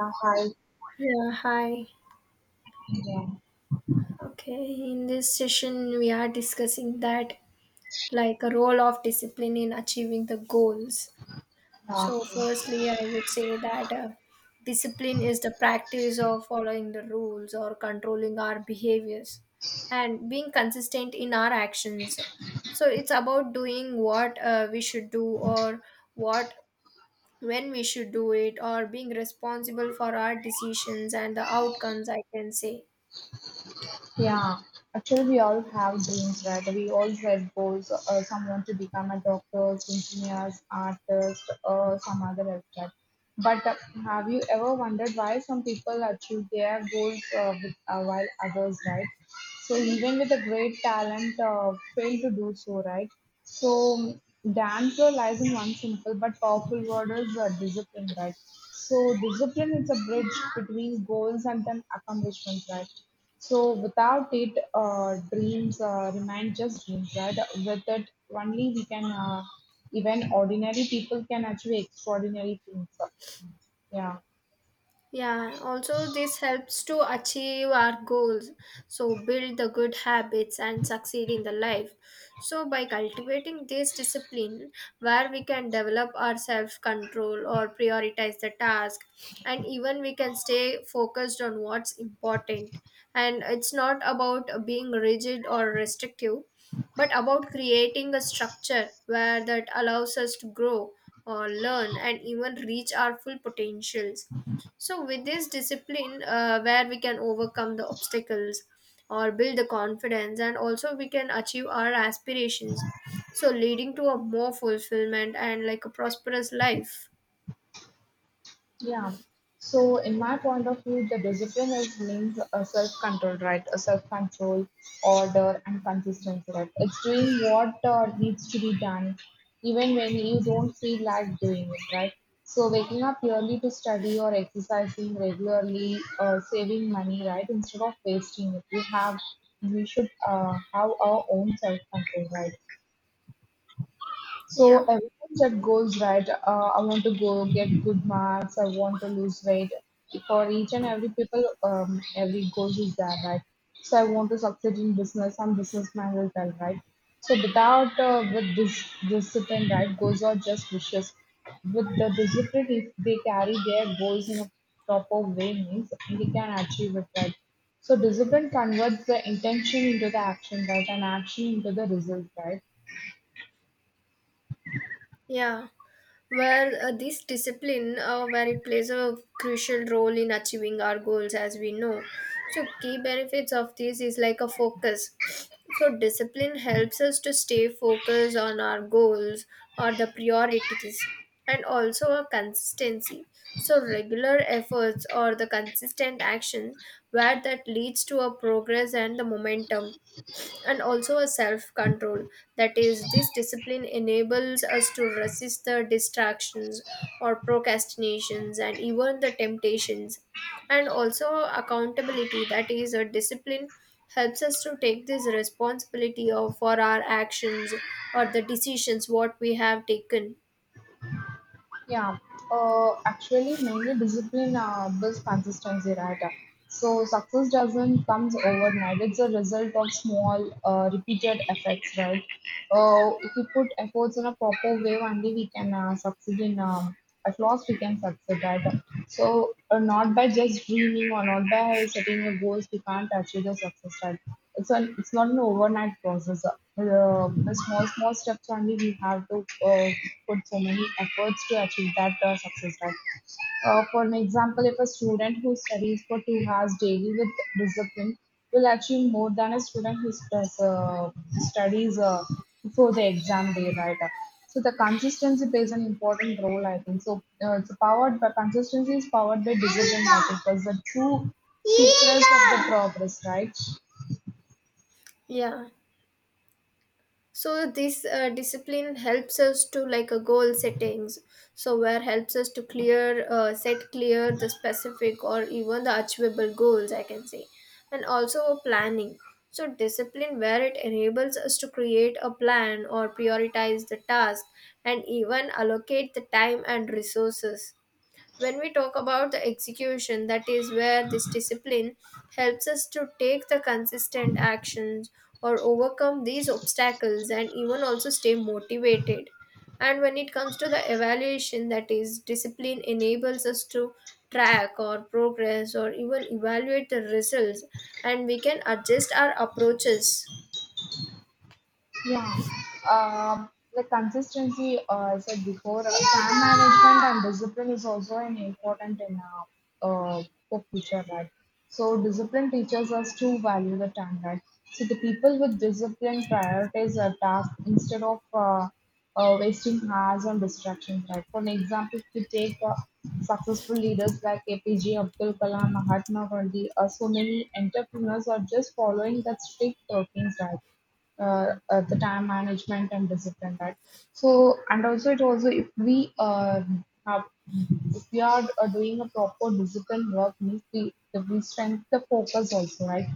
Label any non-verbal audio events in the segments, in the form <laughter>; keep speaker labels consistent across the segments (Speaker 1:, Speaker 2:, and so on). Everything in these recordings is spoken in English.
Speaker 1: Yeah, hi.
Speaker 2: Yeah, hi.
Speaker 1: Yeah.
Speaker 2: Okay, in this session, we are discussing that like a role of discipline in achieving the goals. So,
Speaker 1: Okay.
Speaker 2: firstly, I would say that discipline is the practice of following the rules or controlling our behaviors and being consistent in our actions. So, it's about doing what we should do, or what, when we should do it, or being responsible for our decisions and the outcomes, I can say.
Speaker 1: Yeah. Actually, we all have dreams, right? We all had goals. Some want to become a doctor, engineers, artist, or some other aspect. But Have you ever wondered why some people achieve their goals with, while others, right? So even with a great talent, fail to do so, right? So dancer lies in one simple but powerful word is discipline, right? So discipline is a bridge between goals and then accomplishments, right? So without it, dreams remain just dreams, right? With it, only we can even ordinary people can achieve extraordinary things. Yeah.
Speaker 2: Yeah, also this helps to achieve our goals. So build the good habits and succeed in the life. So by cultivating this discipline where we can develop our self-control or prioritize the task, and even we can stay focused on what's important. And it's not about being rigid or restrictive, but about creating a structure where that allows us to grow or learn and even reach our full potentials. So, with this discipline, where we can overcome the obstacles or build the confidence, and also we can achieve our aspirations. So, leading to a more fulfillment and like a prosperous life.
Speaker 1: Yeah. So, in my point of view, the discipline is means a self-control, right? A self-control, order, and consistency, right? It's doing what needs to be done, even when you don't feel like doing it, right? So, waking up early to study or exercising regularly, saving money, right? Instead of wasting it, we should have our own self-control, right? So
Speaker 2: Yeah,
Speaker 1: everything that goes right, I want to go get good marks. I want to lose weight. For each and every people, every goal is there, right? So I want to succeed in business. I'm businessman as well, right? So without with this discipline, right, goals are just wishes. With the discipline, if they carry their goals in a proper way, means they can achieve it, right? So discipline converts the intention into the action, right, and action into the result, right?
Speaker 2: yeah. Where this discipline where it plays a crucial role in achieving our goals, as we know. So key benefits of this is like a focus, so discipline helps us to stay focused on our goals or the priorities. And also a consistency, so regular efforts or the consistent actions, where that leads to a progress and the momentum. And also a self control, that is, this discipline enables us to resist the distractions or procrastinations and even the temptations. And also accountability, that is, a discipline helps us to take this responsibility of for our actions or the decisions what we have taken.
Speaker 1: Yeah, actually, mainly discipline builds consistency, right? So success doesn't comes overnight. It's a result of small, repeated efforts, right? If we put efforts in a proper way, only we can succeed in. At last we can succeed that. So not by just dreaming or not by setting a goals, we can't achieve the success that. It's not an overnight process. The small small steps only we have to uh, put so many efforts to achieve that success that. For an example, if a student who studies for 2 hours daily with discipline will achieve more than a student who studies before the exam day, right? So the consistency plays an important role, I think. So it's powered by consistency is powered by discipline, I think, because the true secrets of the progress, right?
Speaker 2: Yeah, so this discipline helps us to like a goal settings, so where helps us to clear set clear the specific or even the achievable goals, I can say. And also planning, so discipline where it enables us to create a plan or prioritize the task and even allocate the time and resources. When we talk about the execution, that is where this discipline helps us to take the consistent actions or overcome these obstacles and even also stay motivated. And when it comes to the evaluation, that is, discipline enables us to track our progress or even evaluate the results, and we can adjust our approaches.
Speaker 1: Yeah, the consistency, I said before, time management and discipline is also an important in uh, uh, the future, right? So discipline teaches us to value the time, right? So the people with discipline prioritize their task instead of wasting hours on distractions, right? For an example, if we take successful leaders like APJ Abdul Kalam, Mahatma Gandhi, so many entrepreneurs are just following that strict routines, right? The time management and discipline, right. So and also it also if we have if we are doing a proper discipline work means we if we strengthen the focus also, right.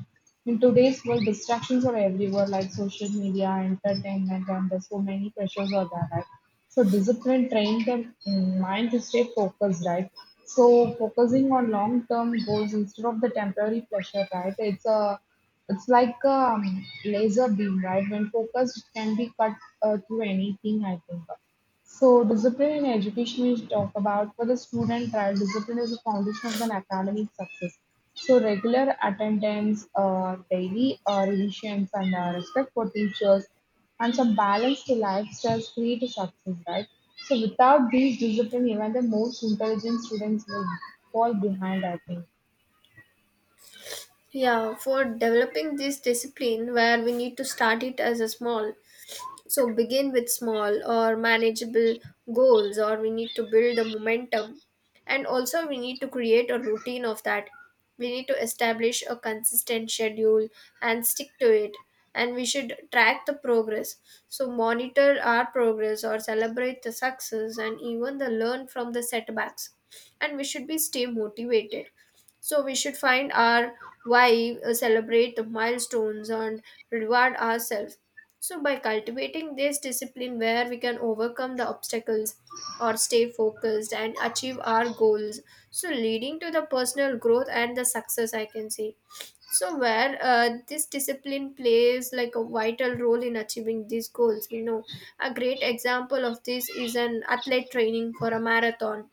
Speaker 1: In today's world, distractions are everywhere, like social media, entertainment, and there's so many pressures are there, right? So discipline train the mind to stay focused, right. So focusing on long term goals instead of the temporary pleasure, right. It's a it's like a laser beam, right? When focused, it can be cut through anything, I think. So, discipline in education is talk about for the student, right? Discipline is the foundation of an academic success. So, regular attendance, daily revisions, and respect for teachers, and some balanced lifestyles create a success, right? So, without these discipline, even the most intelligent students will fall behind, I think.
Speaker 2: Yeah, for developing this discipline, where we need to start it as a small. So begin with small or manageable goals, or we need to build the momentum. And also, we need to create a routine of that. We need to establish a consistent schedule and stick to it. And we should track the progress. So, monitor our progress or celebrate the success and even the learn from the setbacks. And we should be stay motivated. So, we should find our why, celebrate the milestones, and reward ourselves. So, by cultivating this discipline where we can overcome the obstacles or stay focused and achieve our goals, so leading to the personal growth and the success, I can say. So, where this discipline plays like a vital role in achieving these goals, we know. A great example of this is an athlete training for a marathon.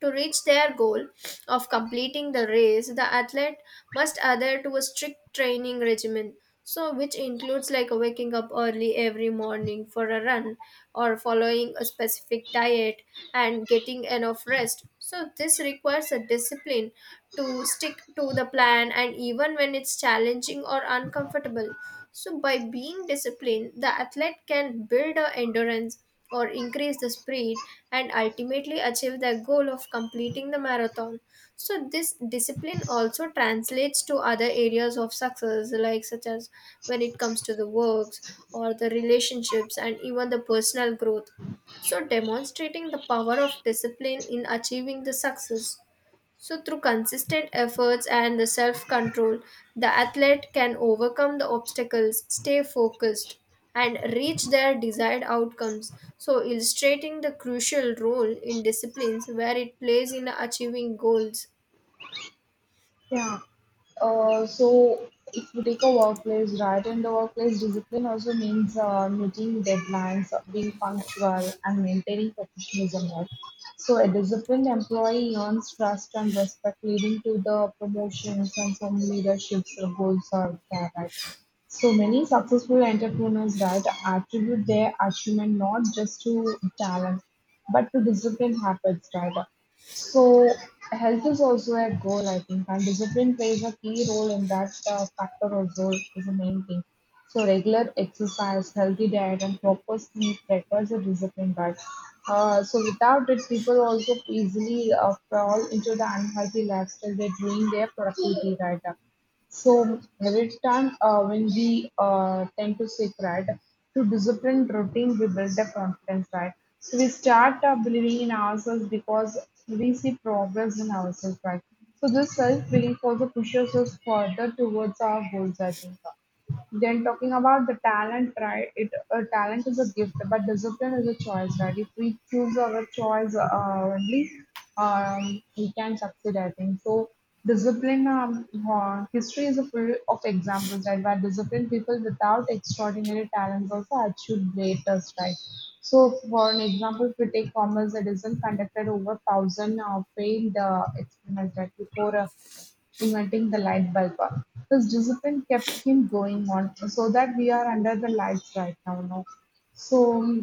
Speaker 2: To reach their goal of completing the race, the athlete must adhere to a strict training regimen. So, which includes like waking up early every morning for a run, or following a specific diet, and getting enough rest. So, this requires a discipline to stick to the plan, and even when it's challenging or uncomfortable. So, by being disciplined, the athlete can build a endurance or increase the speed and ultimately achieve their goal of completing the marathon. So, this discipline also translates to other areas of success, like such as when it comes to the works or the relationships and even the personal growth. So, demonstrating the power of discipline in achieving the success. So, through consistent efforts and the self control, the athlete can overcome the obstacles, stay focused, and reach their desired outcomes. So, illustrating the crucial role in disciplines where it plays in achieving goals.
Speaker 1: Yeah. So if we take a workplace, right, and the workplace discipline also means meeting deadlines, being punctual, and maintaining professionalism, right? So a disciplined employee earns trust and respect, leading to the promotions and some leaderships or goals are there, right? So many successful entrepreneurs, right, attribute their achievement not just to talent, but to disciplined habits, right? So health is also a goal, I think, and discipline plays a key role in that factor also is the main thing. So regular exercise, healthy diet, and proper sleep requires a discipline. But so without it, people also easily fall into the unhealthy lifestyle. They're their productivity right up. So every time, when we tend to say right, to discipline routine, we build the confidence, right? So we start believing in ourselves because we see progress in ourselves, right? So this self belief also pushes us further towards our goals, I think. Then talking about the talent, right? It Talent is a gift, but discipline is a choice, right? If we choose our choice only, we can succeed. I think so. Discipline. History is a full of examples, right? Where disciplined people without extraordinary talents also achieved greatest, right? So, for an example, if we take Thomas Edison conducted over thousand failed experiments right, before. Inventing the light bulb. His discipline kept him going on, so that we are under the lights right now. No? So,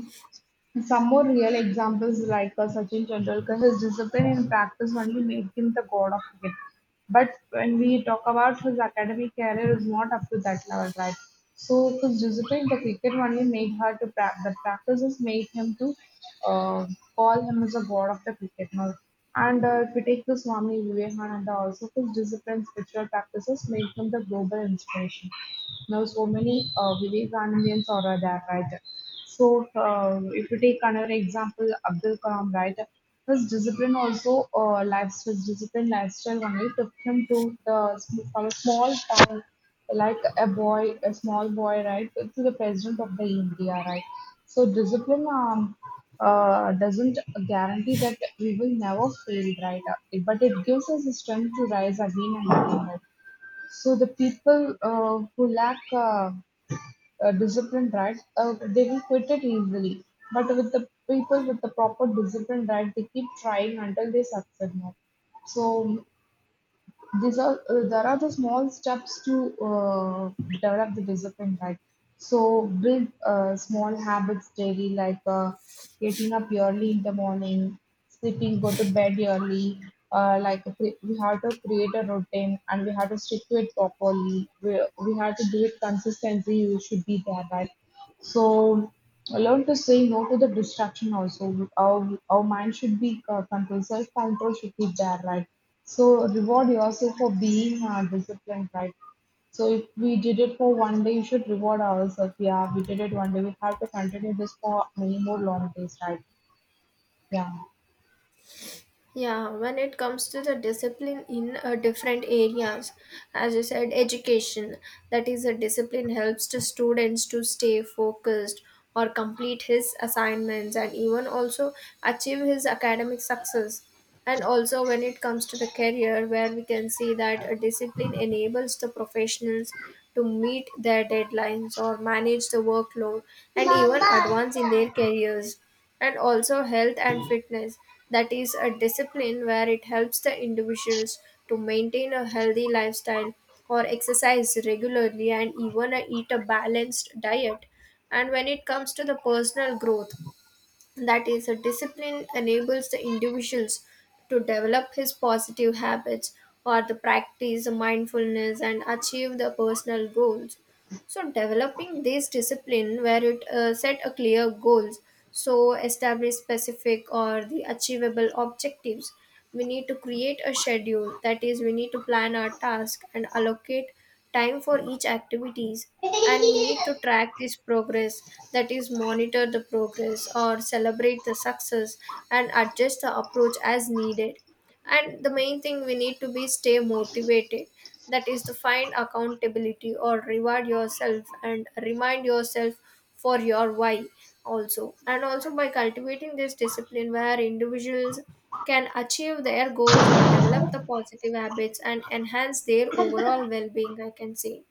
Speaker 1: some more real examples like Sachin Tendulkar, his discipline in practice only made him the god of cricket. But when we talk about his academic career is not up to that level, right? So his discipline, the cricket only made her to practice. The practices made him to uh, call him as a god of the cricket now. And if we take the Swami Vivekananda also, his discipline, spiritual practices made him the global inspiration. Now so many Vivekanandians are there, right? So, if you take another example, Abdul Kalam, right? His discipline also, lifestyle, his discipline lifestyle only took him to the from a small town, like a boy, a small boy, right, to the president of the India, right? So, discipline doesn't guarantee that we will never fail, right? But it gives us the strength to rise again and again, right? So, the people who lack disciplined right, they will quit it easily. But with the people with the proper discipline, right, they keep trying until they succeed. No? So these are there are the small steps to develop the discipline, right? So build small habits daily, like getting up early in the morning, sleeping, go to bed early. Like we have to create a routine and we have to stick to it properly. We have to do it consistently. You should be there, right? So learn to say no to the distraction also. Our mind should be controlled, self control should be there, right? So reward yourself for being disciplined, right? So if we did it for one day, you should reward ourselves. Yeah, we did it one day. We have to continue this for many more long days, right? Yeah.
Speaker 2: Yeah, when it comes to the discipline in different areas, as you said, education, that is, a discipline helps the students to stay focused or complete his assignments and even also achieve his academic success. And also, when it comes to the career, where we can see that a discipline enables the professionals to meet their deadlines or manage the workload and even
Speaker 1: Mama.
Speaker 2: advance in their careers. And also health and fitness, that is a discipline where it helps the individuals to maintain a healthy lifestyle or exercise regularly and even eat a balanced diet. And when it comes to the personal growth, that is a discipline enables the individuals to develop his positive habits or to practice mindfulness and achieve the personal goals. So developing this discipline where it set a clear goals, so establish specific or the achievable objectives. We need to create a schedule. That is, we need to plan our task and allocate time for each activities. And we need to track this progress. That is, monitor the progress or celebrate the success and adjust the approach as needed. And the main thing, we need to be stay motivated, that is to find accountability or reward yourself and remind yourself for your why also. And also by cultivating this discipline where individuals can achieve their goals or develop the positive habits and enhance their overall well-being, I can say.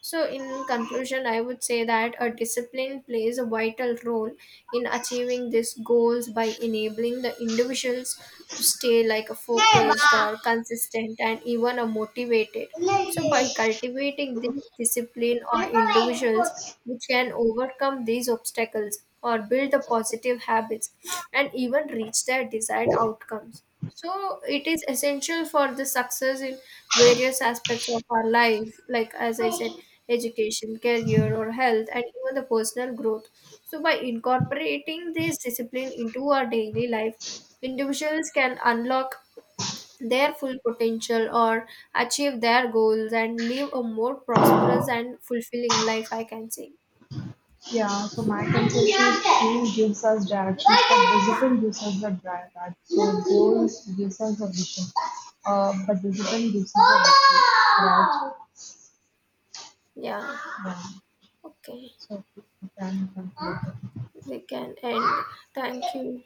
Speaker 2: So, in conclusion, I would say that a discipline plays a vital role in achieving these goals by enabling the individuals to stay like a focused or consistent and even a motivated. So, by
Speaker 1: <laughs>
Speaker 2: cultivating this discipline or individuals which can overcome these obstacles or build the positive habits and even reach their desired outcomes. So, it is essential for the success in various aspects of our life, like as I said,
Speaker 1: Mama.
Speaker 2: education, career, or health, and even the personal growth. So, by incorporating this discipline into our daily life, individuals can unlock their full potential, or achieve their goals and live a more prosperous and fulfilling life, I can say.
Speaker 1: Yeah, so my concept is dream gives us direction, but discipline gives us the drive. Right? So goals gives us the vision, but discipline gives us the vision, right?
Speaker 2: Yeah,
Speaker 1: Yeah.
Speaker 2: okay,
Speaker 1: So we can conclude.
Speaker 2: we can end. Thank you.